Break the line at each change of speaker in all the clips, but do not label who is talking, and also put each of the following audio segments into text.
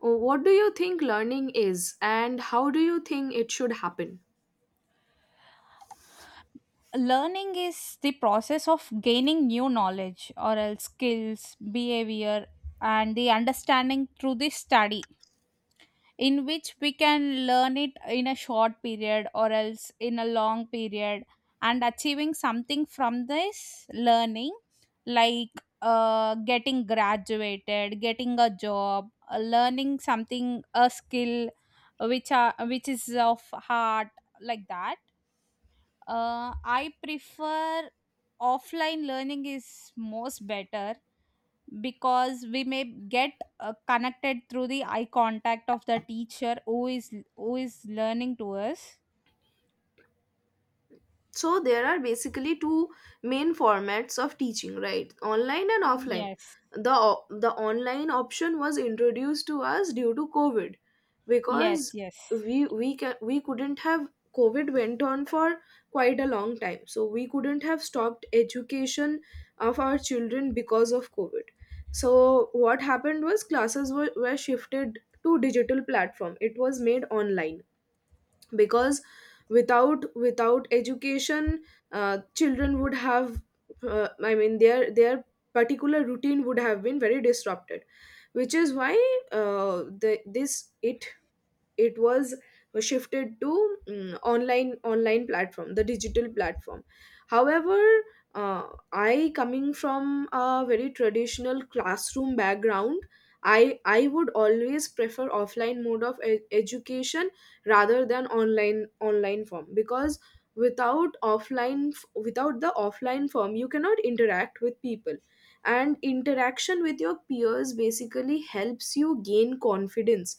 What do you think learning is, and how do you think it should happen?
Learning is the process of gaining new knowledge or else skills, behavior and the understanding through the study, in which we can learn it in a short period or else in a long period, and achieving something from this learning, like getting graduated, getting a job, learning something, a skill which are which is of heart, like that. Uh, I prefer offline learning is most better because we may get connected through the eye contact of the teacher who is learning to us.
So there are basically two main formats of teaching, right? Online and offline.
Yes,
The online option was introduced to us due to COVID
yes,
because
yes.
we couldn't have... COVID went on for quite a long time, so we couldn't have stopped education of our children because of COVID. So what happened was classes were shifted to digital platform. It was made online because without education, children would have... I mean, their particular routine would have been very disrupted, which is why the, this it it was shifted to online platform, the digital platform. However, uh, I, coming from a very traditional classroom background, I would always prefer offline mode of education rather than online form, because without offline, without the offline form, you cannot interact with people, and interaction with your peers basically helps you gain confidence.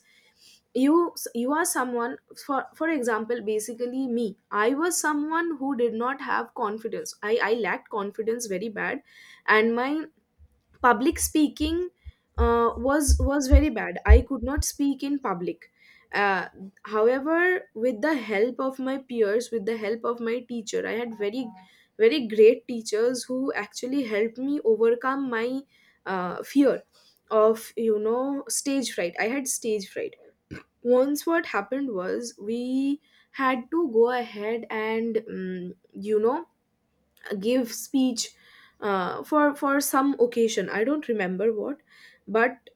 You are someone... for example, basically me, I was someone who did not have confidence. I lacked confidence very bad, and my public speaking was very bad. I could not speak in public. uh, However, with the help of my peers, with the help of my teacher, I had very, very great teachers who actually helped me overcome my fear of, you know, stage fright. I had stage fright. Once what happened was, we had to go ahead and, you know, give speech for some occasion. I don't remember what. But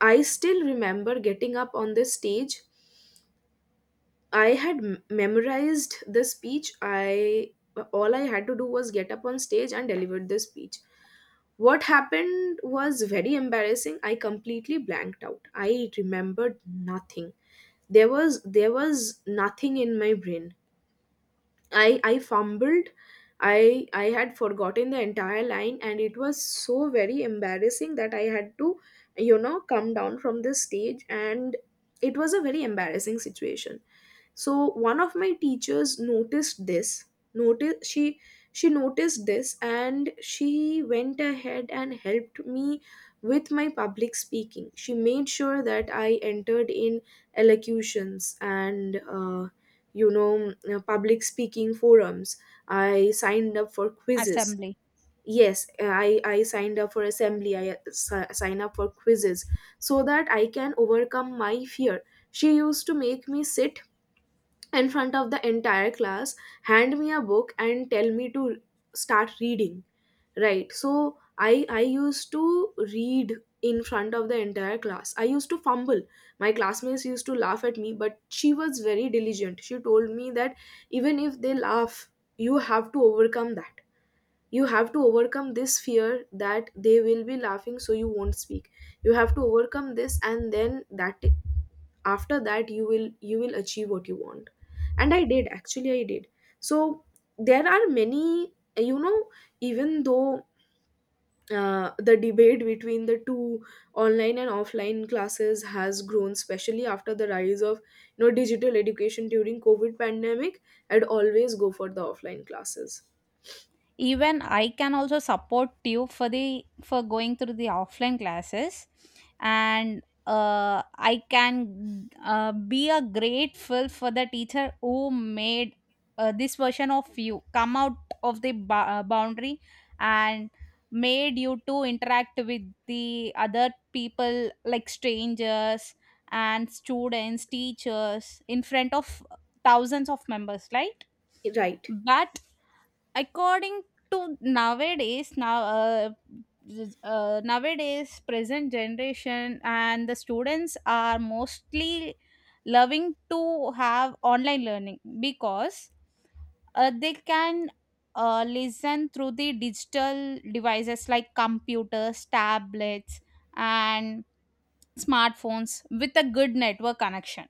I still remember getting up on the stage. I had memorized the speech. I... all I had to do was get up on stage and deliver the speech. What happened was very embarrassing. I completely blanked out. I remembered nothing. There was nothing in my brain. I fumbled. I had forgotten the entire line, and it was so very embarrassing that I had to, come down from the stage, and it was a very embarrassing situation. So one of my teachers noticed this. Notice She noticed this and she went ahead and helped me with my public speaking. She made sure that I entered in elocutions and, public speaking forums. I signed up for quizzes.
Assembly.
Yes, I signed up for assembly. I sign up for quizzes so that I can overcome my fear. She used to make me sit in front of the entire class, hand me a book and tell me to start reading, right? So I used to read in front of the entire class. I used to fumble. My classmates used to laugh at me, but she was very diligent. She told me that even if they laugh, you have to overcome that. You have to overcome this fear that they will be laughing so you won't speak. You have to overcome this, and then that... after that you will achieve what you want. And I did. Actually, I did. So there are many, you know, even though the debate between the two, online and offline classes, has grown especially after the rise of, you know, digital education during COVID pandemic, I'd always go for the offline classes.
Even I can also support you for the for going through the offline classes, and I can be a grateful for the teacher who made this version of you come out of the boundary, and made you to interact with the other people like strangers and students, teachers, in front of thousands of members, right?
Right,
But according to nowadays, now nowadays present generation and the students are mostly loving to have online learning because they can listen through the digital devices like computers, tablets and smartphones with a good network connection.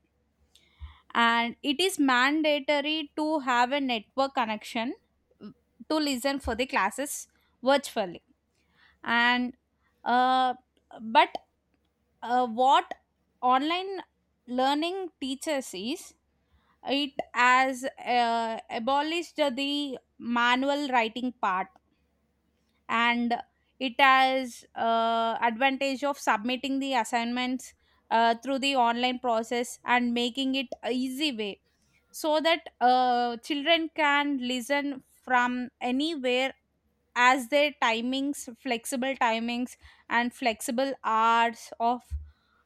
And it is mandatory to have a network connection mm, to listen for the classes virtually. And uh, but what online learning teaches is it has abolished the manual writing part. And it has advantage of submitting the assignments through the online process and making it a easy way, so that children can listen from anywhere as their timings, flexible timings and flexible hours of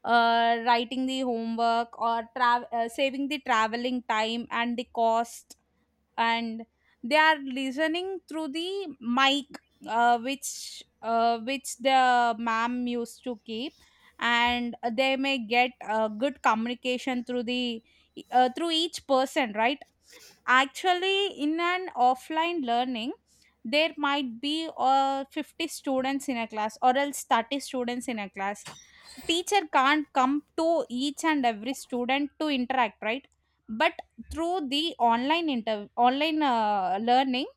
writing the homework or saving the traveling time and the cost. And they are listening through the mic, which the ma'am used to keep, and they may get good communication through the through each person, right? Actually, in an offline learning, there might be 50 students in a class or else 30 students in a class. Teacher can't come to each and every student to interact, right? But through the online learning,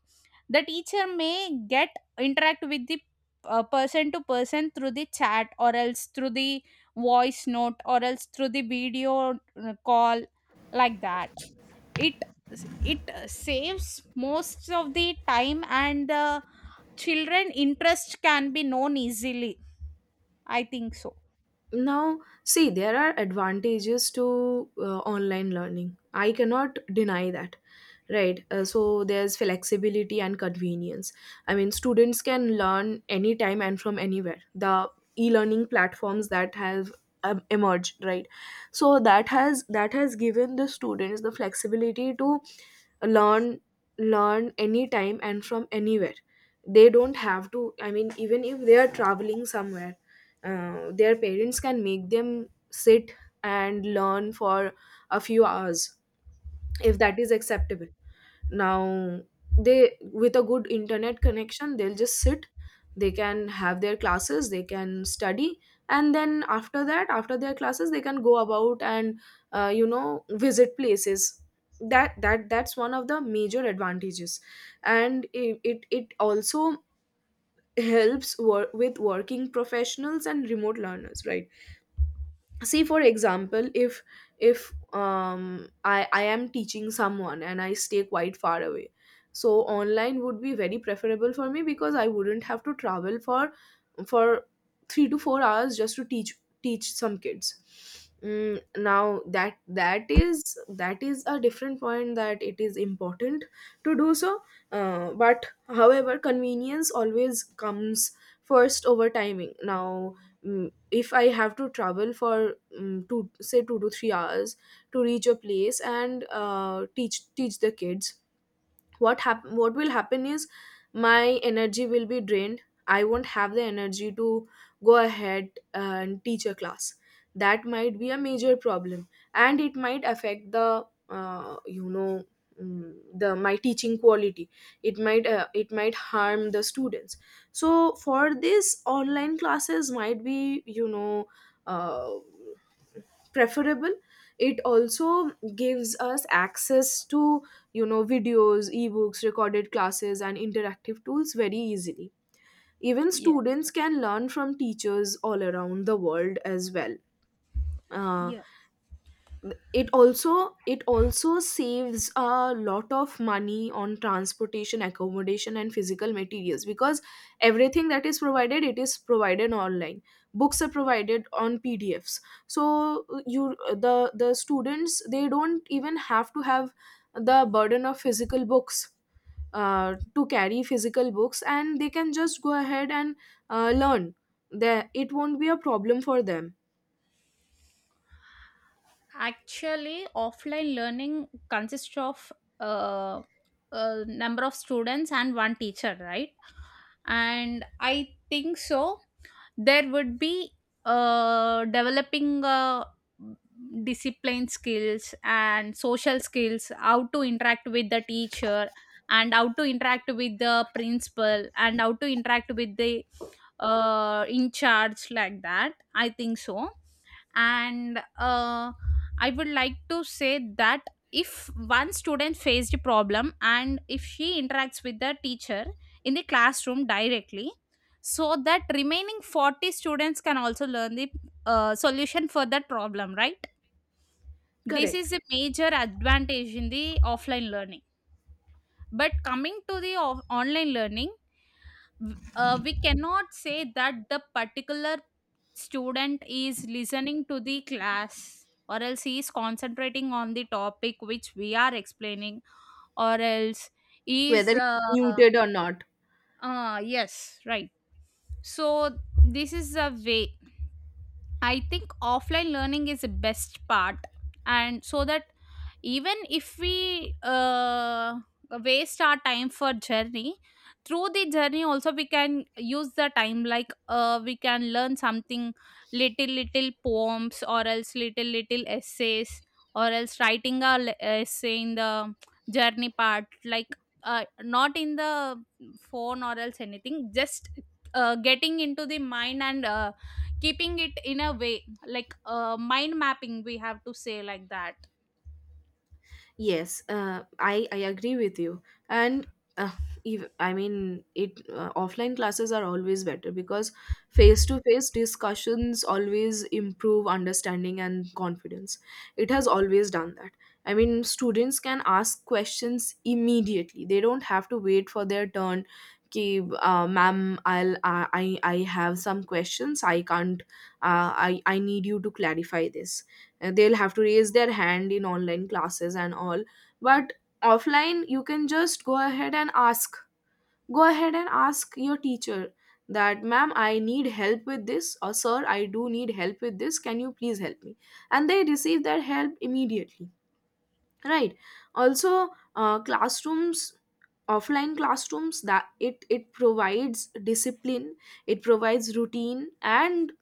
the teacher may get interact with the person to person through the chat or else through the voice note or else through the video call, like that. It it saves most of the time, and the children interest can be known easily, I think so.
now see, there are advantages to online learning. I cannot deny that, right? So there's flexibility and convenience. I mean, students can learn anytime and from anywhere. The e-learning platforms that have emerged, right? So that has given the students the flexibility to learn... learn anytime and from anywhere. They don't have to... I mean, even if they are traveling somewhere, their parents can make them sit and learn for a few hours, if that is acceptable. Now, they with a good internet connection, they'll just sit, they can have their classes, they can study, and then after that, after their classes, they can go about and, visit places. That that's one of the major advantages. And it also helps with working professionals and remote learners, right? See, for example, if... if I am teaching someone and I stay quite far away, so online would be very preferable for me, because I wouldn't have to travel for... for 3 to 4 hours just to teach... teach some kids. Mm, Now, that is... that is a different point, that it is important to do so. But, however, convenience always comes first over timing. Now, if I have to travel for 2 to 3 hours to reach a place and, teach... teach the kids, what will happen is, my energy will be drained. I won't have the energy to go ahead and teach a class. That might be a major problem, and it might affect the, mm, the... my teaching quality. It might, it might harm the students. So for this, online classes might be, you know, uh, preferable. It also gives us access to, you know, videos, ebooks, recorded classes and interactive tools very easily. Even
Yeah.
students can learn from teachers all around the world as well. Uh, it also... it also saves a lot of money on transportation, accommodation and physical materials, because everything that is provided, it is provided online. Books are provided on pdfs. So, you... the students, they don't even have to have the burden of physical books, to carry physical books, and they can just go ahead and, learn. There, it won't be a problem for them.
Actually, offline learning consists of uh, a number of students and one teacher, right? And I think so. There would be developing discipline skills and social skills, how to interact with the teacher, and how to interact with the principal, and how to interact with the in charge, like that. I think so. And I would like to say that if one student faced a problem and if she interacts with the teacher in the classroom directly, so that remaining 40 students can also learn the solution for that problem, right? This
Correct.
is a major advantage in the offline learning. But coming to the online learning, we cannot say that the particular student is listening to the class or else he is concentrating on the topic which we are explaining or else he
Whether
is
it's muted or not.
yes, right. So this is a way, I think offline learning is the best part. And so that even if we waste our time for journey, through the journey also we can use the time, like we can learn something, little little poems or else little little essays or else writing a essay in the journey part, like not in the phone or else anything, just getting into the mind, and keeping it in a way like mind mapping, we have to say, like that.
Yes, I agree with you, and, uh, I mean it. Offline classes are always better because face to face discussions always improve understanding and confidence. It has always done that. I mean, students can ask questions immediately. They don't have to wait for their turn. कि ma'am, I I have some questions, I can't, I need you to clarify this. They'll have to raise their hand in online classes and all, but offline you can just go ahead and ask your teacher that, ma'am, I need help with this, or, sir, I do need help with this, can you please help me. And they receive their help immediately, right? Also, classrooms offline classrooms, that it provides discipline, it provides routine, and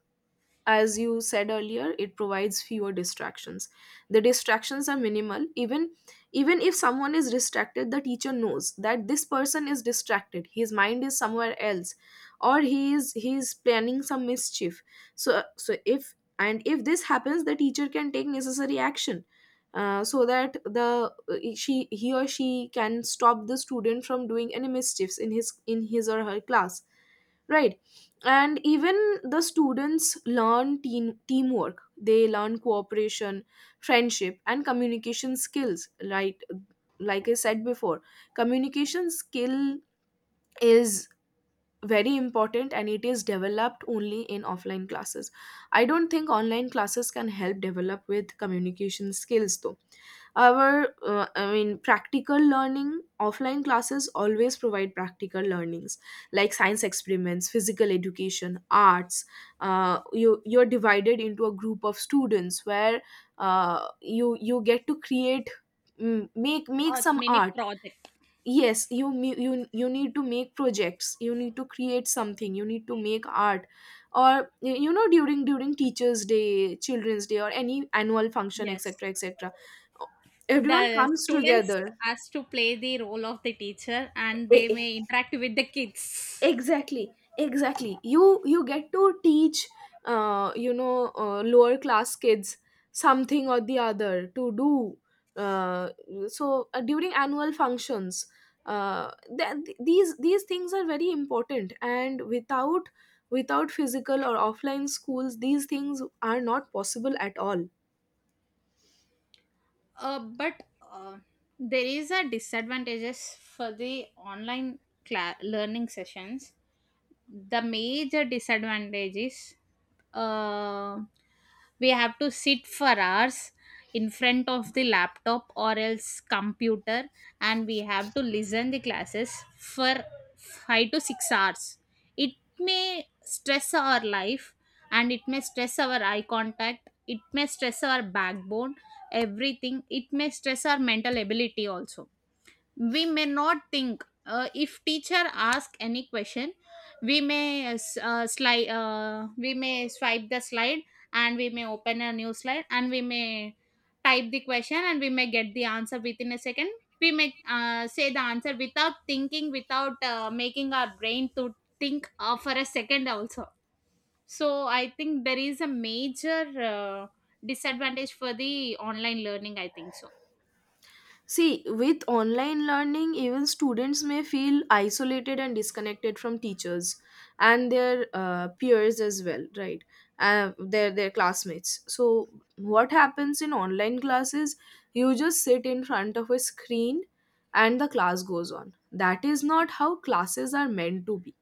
as you said earlier, it provides fewer distractions. The distractions are minimal. Even... even if someone is distracted, the teacher knows that this person is distracted, his mind is somewhere else, or he is planning some mischief. So, if this happens, the teacher can take necessary action, so that the, she he or she can stop the student from doing any mischiefs in his, in his or her class, right? And even the students learn teamwork, they learn cooperation, friendship and communication skills, right? Like I said before, communication skill is very important, and it is developed only in offline classes. I don't think online classes can help develop with communication skills, though. Our, I mean, practical learning, offline classes always provide practical learnings like science experiments, physical education, arts. You... you're divided into a group of students where, you get to create, make
Or
some
mini
art.
project.
Yes, you you... you need to make projects, you need to create something, you need to make art. Or you know, during... during teachers day, children's day, or any annual function,
Yes.
etc etc. Everyone
The
comes
students
together.
has to play the role of the teacher and they may interact with the kids.
Exactly, exactly. You get to teach, lower class kids something or the other to do. Uh, so uh, during annual functions, uh, these things are very important, and without... without physical or offline schools, these things are not possible at all.
But uh, there is a disadvantages for the online learning sessions. The major disadvantage is uh, we have to sit for hours in front of the laptop or else computer, and we have to listen the classes for 5 to 6 hours. It may stress our life, and it may stress our eye contact, it may stress our backbone, everything. It may stress our mental ability also. We may not think, if teacher ask any question, we may s- slide we may swipe the slide, and we may open a new slide, and we may type the question, and we may get the answer within a second. We may say the answer without thinking, without making our brain to think for a second also. So I think there is a major disadvantage for the online learning, I think so.
See, with online learning, even students may feel isolated and disconnected from teachers and their, peers as well, right? Their classmates. So, what happens in online classes? You just sit in front of a screen, and the class goes on. That is not how classes are meant to be,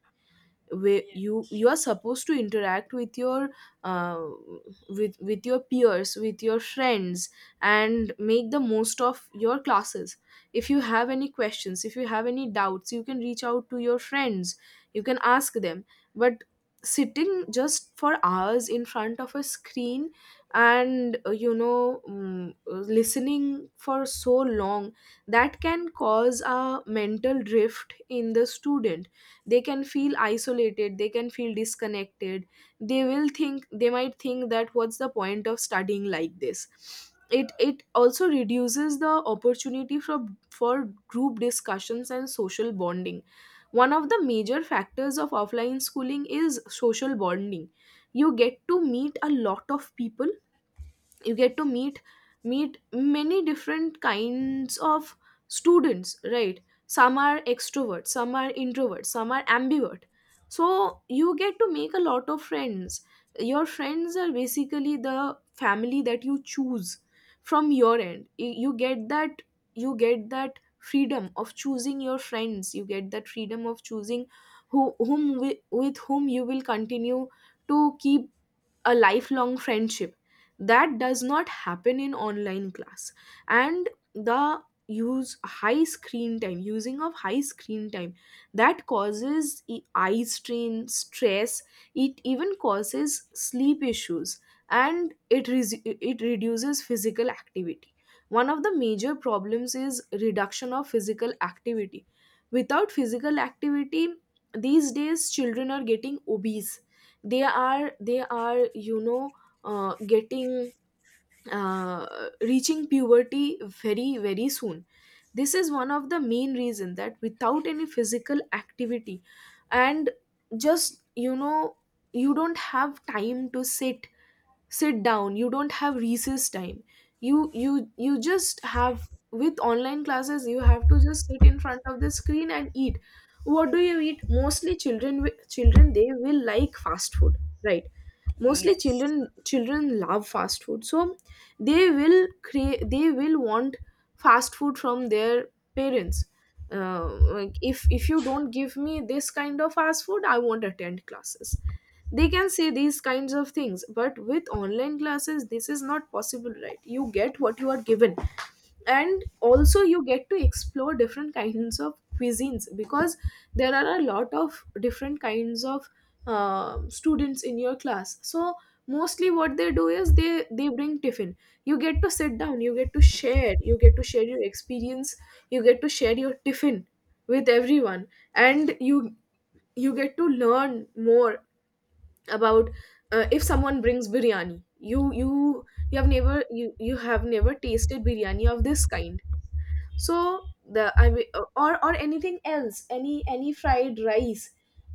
where you are supposed to interact with your uh, with your peers, with your friends, and make the most of your classes. If you have any questions, if you have any doubts, you can reach out to your friends, you can ask them. But sitting just for hours in front of a screen and listening for so long, that can cause a mental drift in the student. They can feel isolated, they can feel disconnected. They will think, they might think that what's the point of studying like this. It also reduces the opportunity for group discussions and social bonding. One of the major factors of offline schooling is social bonding. You get to meet a lot of people. You get to meet many different kinds of students, right? Some are extroverts, some are introverts, some are ambivert. So you get to make a lot of friends. Your friends are basically the family that you choose from your end. You get that, you get that freedom of choosing your friends. You get that freedom of choosing whom with whom you will continue to keep a lifelong friendship. That does not happen in online class. And the use high screen time using of high screen time, that causes eye strain, stress. It even causes sleep issues, and it it reduces physical activity. One of the major problems is reduction of physical activity. Without physical activity, these days children are getting obese. They are, getting, uh, reaching puberty very, very soon. This is one of the main reason, that without any physical activity and just you know you don't have time to sit down. You don't have recess time. You just have, with online classes you have to just sit in front of the screen and eat. What do you eat? Mostly children, children, they will like fast food, right? Mostly
Yes.
children, love fast food. So they will create, they will want fast food from their parents. uh, like, if you don't give me this kind of fast food, I won't attend classes. They can say these kinds of things. But with online classes this is not possible, right? You get what you are given. And also you get to explore different kinds of cuisines, because there are a lot of different kinds of students in your class. So mostly what they do is they bring tiffin. You get to sit down, you get to share, you get to share your experience, you get to share your tiffin with everyone. And you get to learn more about, if someone brings biryani, you have never you have never tasted biryani of this kind. So the I mean or anything else, any fried rice,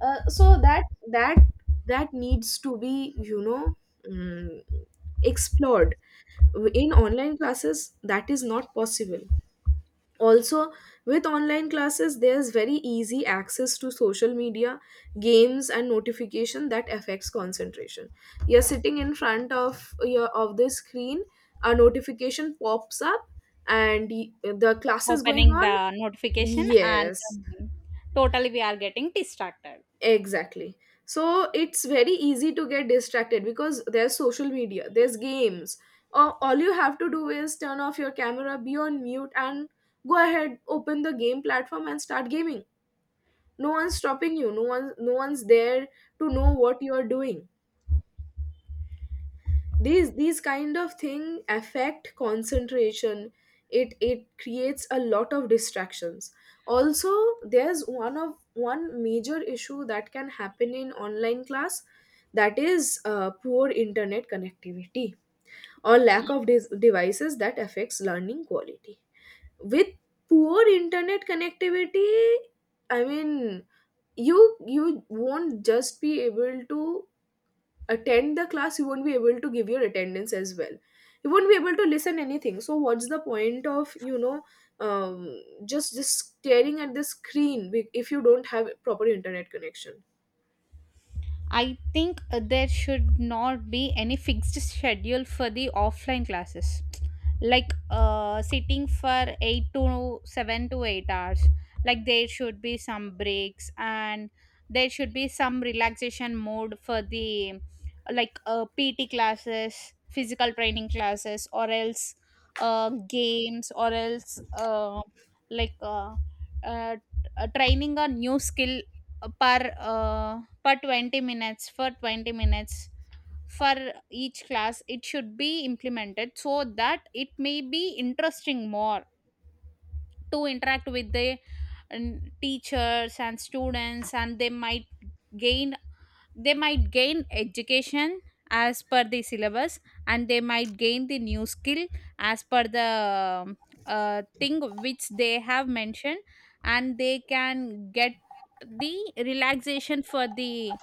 so that that needs to be, mm, explored. In online classes that is not possible. Also, with online classes there's very easy access to social media, games and notification that affects concentration. You're sitting in front of your of the screen, a notification pops up and the class is going
Opening
on.
the notification and
Yes,
totally we are getting distracted.
exactly. So it's very easy to get distracted because there's social media, there's games. All you have to do is turn off your camera, be on mute, and go ahead, open the game platform and start gaming. No one's stopping you. No one's there to know what you are doing. These kind of thing affect concentration. It creates a lot of distractions. Also, there's one major issue that can happen in online class, that is poor internet connectivity or lack of devices that affects learning quality. With poor internet connectivity, I mean, you won't just be able to attend the class. You won't be able to give your attendance as well. You won't be able to listen anything. So what's the point of, just staring at the screen, if you don't have proper internet connection.
I think there should not be any fixed schedule for the offline classes, like sitting for eight to seven to eight hours. Like there should be some breaks, and there should be some relaxation mode for the, like PT classes, physical training classes, or else games, or else like uh, uh, training a new skill per for 20 minutes, for 20 minutes for each class. It should be implemented, so that it may be interesting more, to interact with the teachers and students, and they might gain, they might gain education as per the syllabus, and they might gain the new skill as per the um, thing which they have mentioned. And they can get the relaxation for the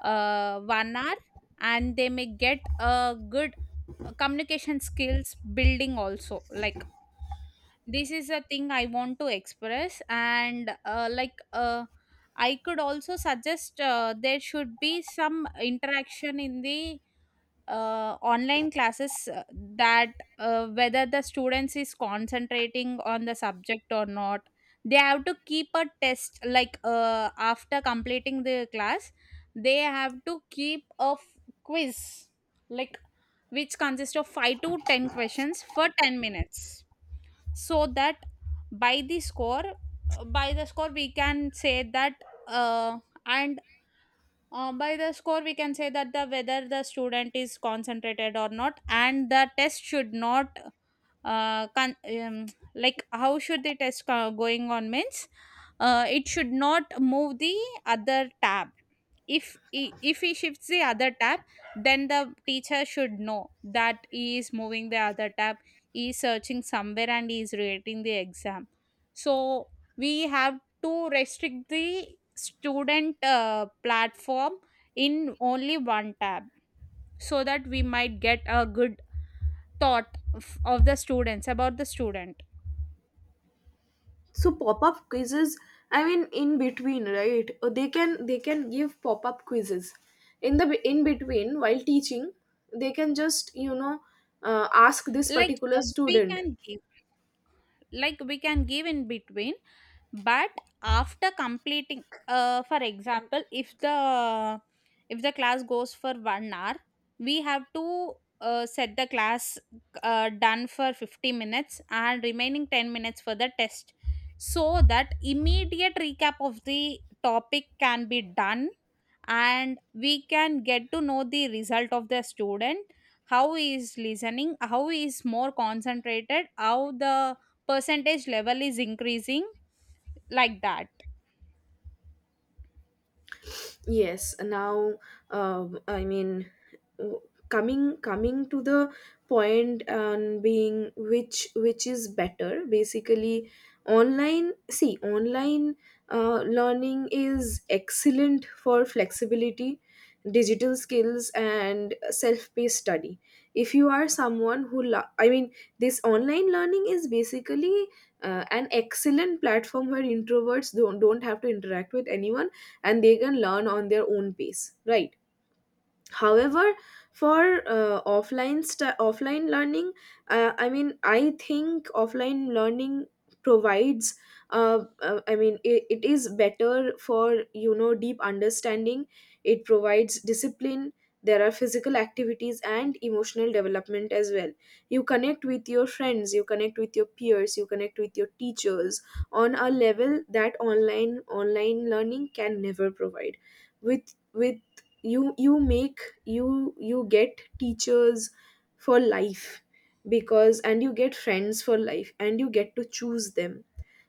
1 hour, and they may get a good communication skills building also. Like, this is a thing I want to express. And I could also suggest there should be some interaction in the online classes, that whether the students is concentrating on the subject or not. They have to keep a test, like after completing the class, they have to keep a quiz, like, which consists of 5 to 10 questions for 10 minutes, so that by the score by the score we can say that uh, and by the score we can say that the whether the student is concentrated or not. And the test should not uh, con- um, like, how should the test going on means it should not move the other tab. If he, if he shifts the other tab, then the teacher should know that he is moving the other tab, he is searching somewhere and he is rating the exam. So we have to restrict the student platform in only one tab, so that we might get a good thought of the students, about the student.
So pop-up quizzes, I mean, in between, right? They can, give pop-up quizzes in the, in between while teaching. They can just, ask this
Like
particular
we
student.
can give, like, we can give in between, but after completing, for example, if the class goes for 1 hour, we have to set the class done for 50 minutes and remaining 10 minutes for the test, so that immediate recap of the topic can be done, and we can get to know the result of the student, how he is listening, how he is more concentrated, how the percentage level is increasing, like that.
Yes, now, I mean, w- coming, to the point and being, which, is better basically. Online, see, online learning is excellent for flexibility, digital skills and self-paced study. If you are someone who I mean, this online learning is basically an excellent platform where introverts don't have to interact with anyone, and they can learn on their own pace, right? However, for offline learning, I mean, I think offline learning provides I mean, it is better for, you know, deep understanding. It provides discipline. There are physical activities and emotional development as well. You connect with your friends, you connect with your peers, you connect with your teachers on a level that online learning can never provide. With You make, you get teachers for life, because, and you get friends for life, and you get to choose them.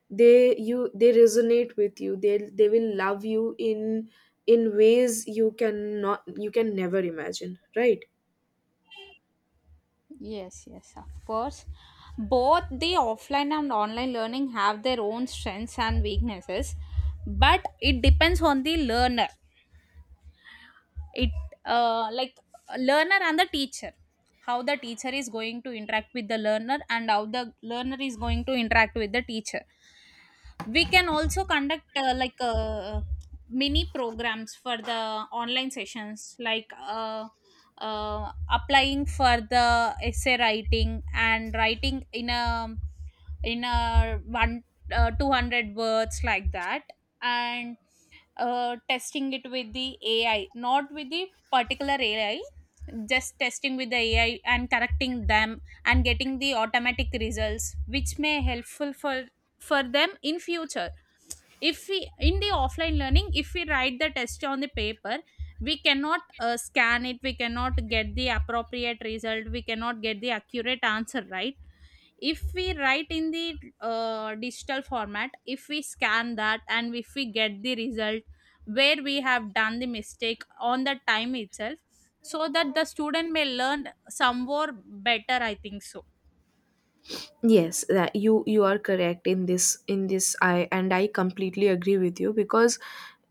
They resonate with you, they will love you in ways you can not, you can never imagine, right?
Yes, yes, of course. Both the offline and online learning have their own strengths and weaknesses, but it depends on the learner. It Like learner and the teacher, how the teacher is going to interact with the learner and how the learner is going to interact with the teacher. We can also conduct, mini programs for the online sessions, like applying for the essay writing, and writing in a one 200 words, like that. And testing it with the AI, not with the particular AI, just testing with the AI and correcting them, and getting the automatic results which may helpful for them in future. If we in the offline learning, if we write the test on the paper, we cannot scan it, we cannot get the appropriate result, we cannot get the accurate answer, right? If we write in the digital format, if we scan that and if we get the result where we have done the mistake on the time itself, so that the student may learn some more better, I think so.
Yes, that you are correct in this, I, and I completely agree with you. Because,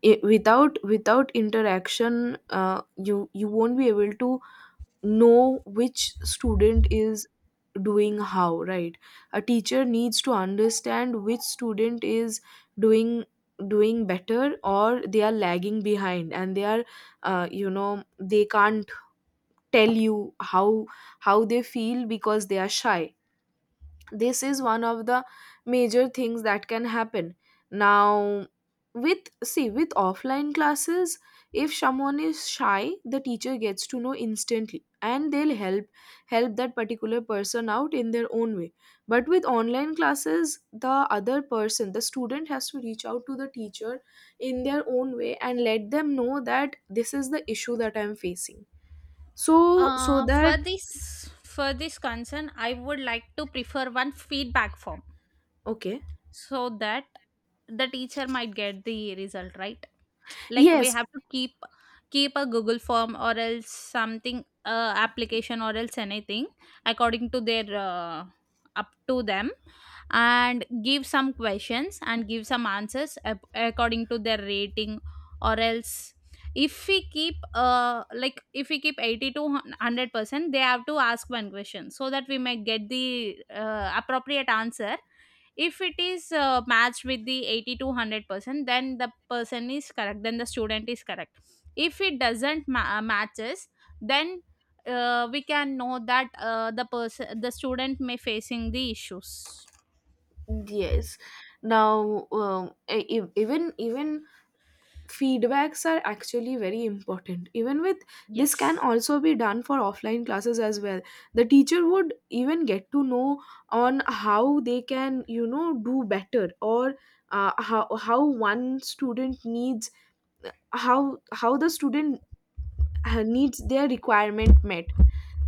I, without interaction, you you won't be able to know which student is doing how, right? A teacher needs to understand which student is doing doing better, or they are lagging behind, and they are, they can't tell you how, they feel because they are shy. This is one of the major things that can happen. Now, with, see, with offline classes, if someone is shy the teacher gets to know instantly and they'll help that particular person out in their own way. But with online classes, the other person, the student has to reach out to the teacher in their own way and let them know that this is the issue that I'm facing. So
Uh,
that,
for this for this concern, I would like to prefer one feedback form,
okay,
so that the teacher might get the result, right? Like we
yes.
have to keep a Google form or else something, application or else anything, according to their up to them, and give some questions and give some answers according to their rating. Or else, if we keep, like, if we keep 80 to 100%, they have to ask one question, so that we may get the appropriate answer. If it is matched with the 80 to 100%, then the person is correct, then the student is correct. If it doesn't matches, then we can know that the student may facing the issues.
Yes. Now, even, feedbacks are actually very important. Even with, this can
Yes.
also be done for offline classes as well. The teacher would even get to know on how they can, you know, do better, or how, one student needs, how the student needs their requirement met.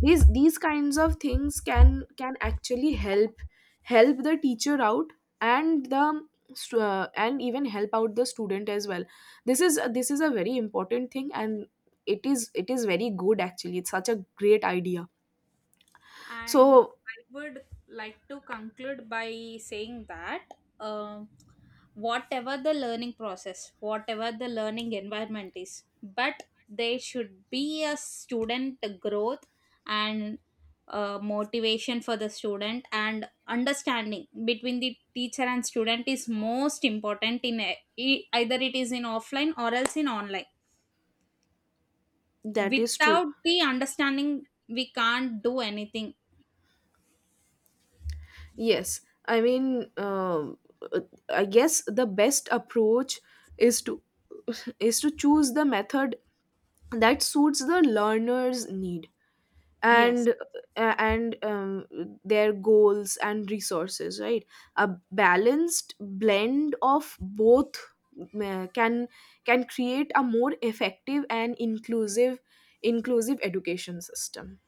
These kinds of things can, actually help, the teacher out and the and even help out the student as well. This is a very important thing, and it is, very good actually. It's such a great idea.
And
So
I would like to conclude by saying that, uh, whatever the learning process, whatever the learning environment is, but there should be a student growth, and motivation for the student, and understanding between the teacher and student is most important in, either it is in offline or else in online.
that is true.
Without the understanding, we can't do anything.
Yes, I mean, um, uh, I guess the best approach is to, choose the method that suits the learner's need,
Yes.
and uh, and um, their goals and resources, right? A balanced blend of both can, create a more effective and inclusive, education system.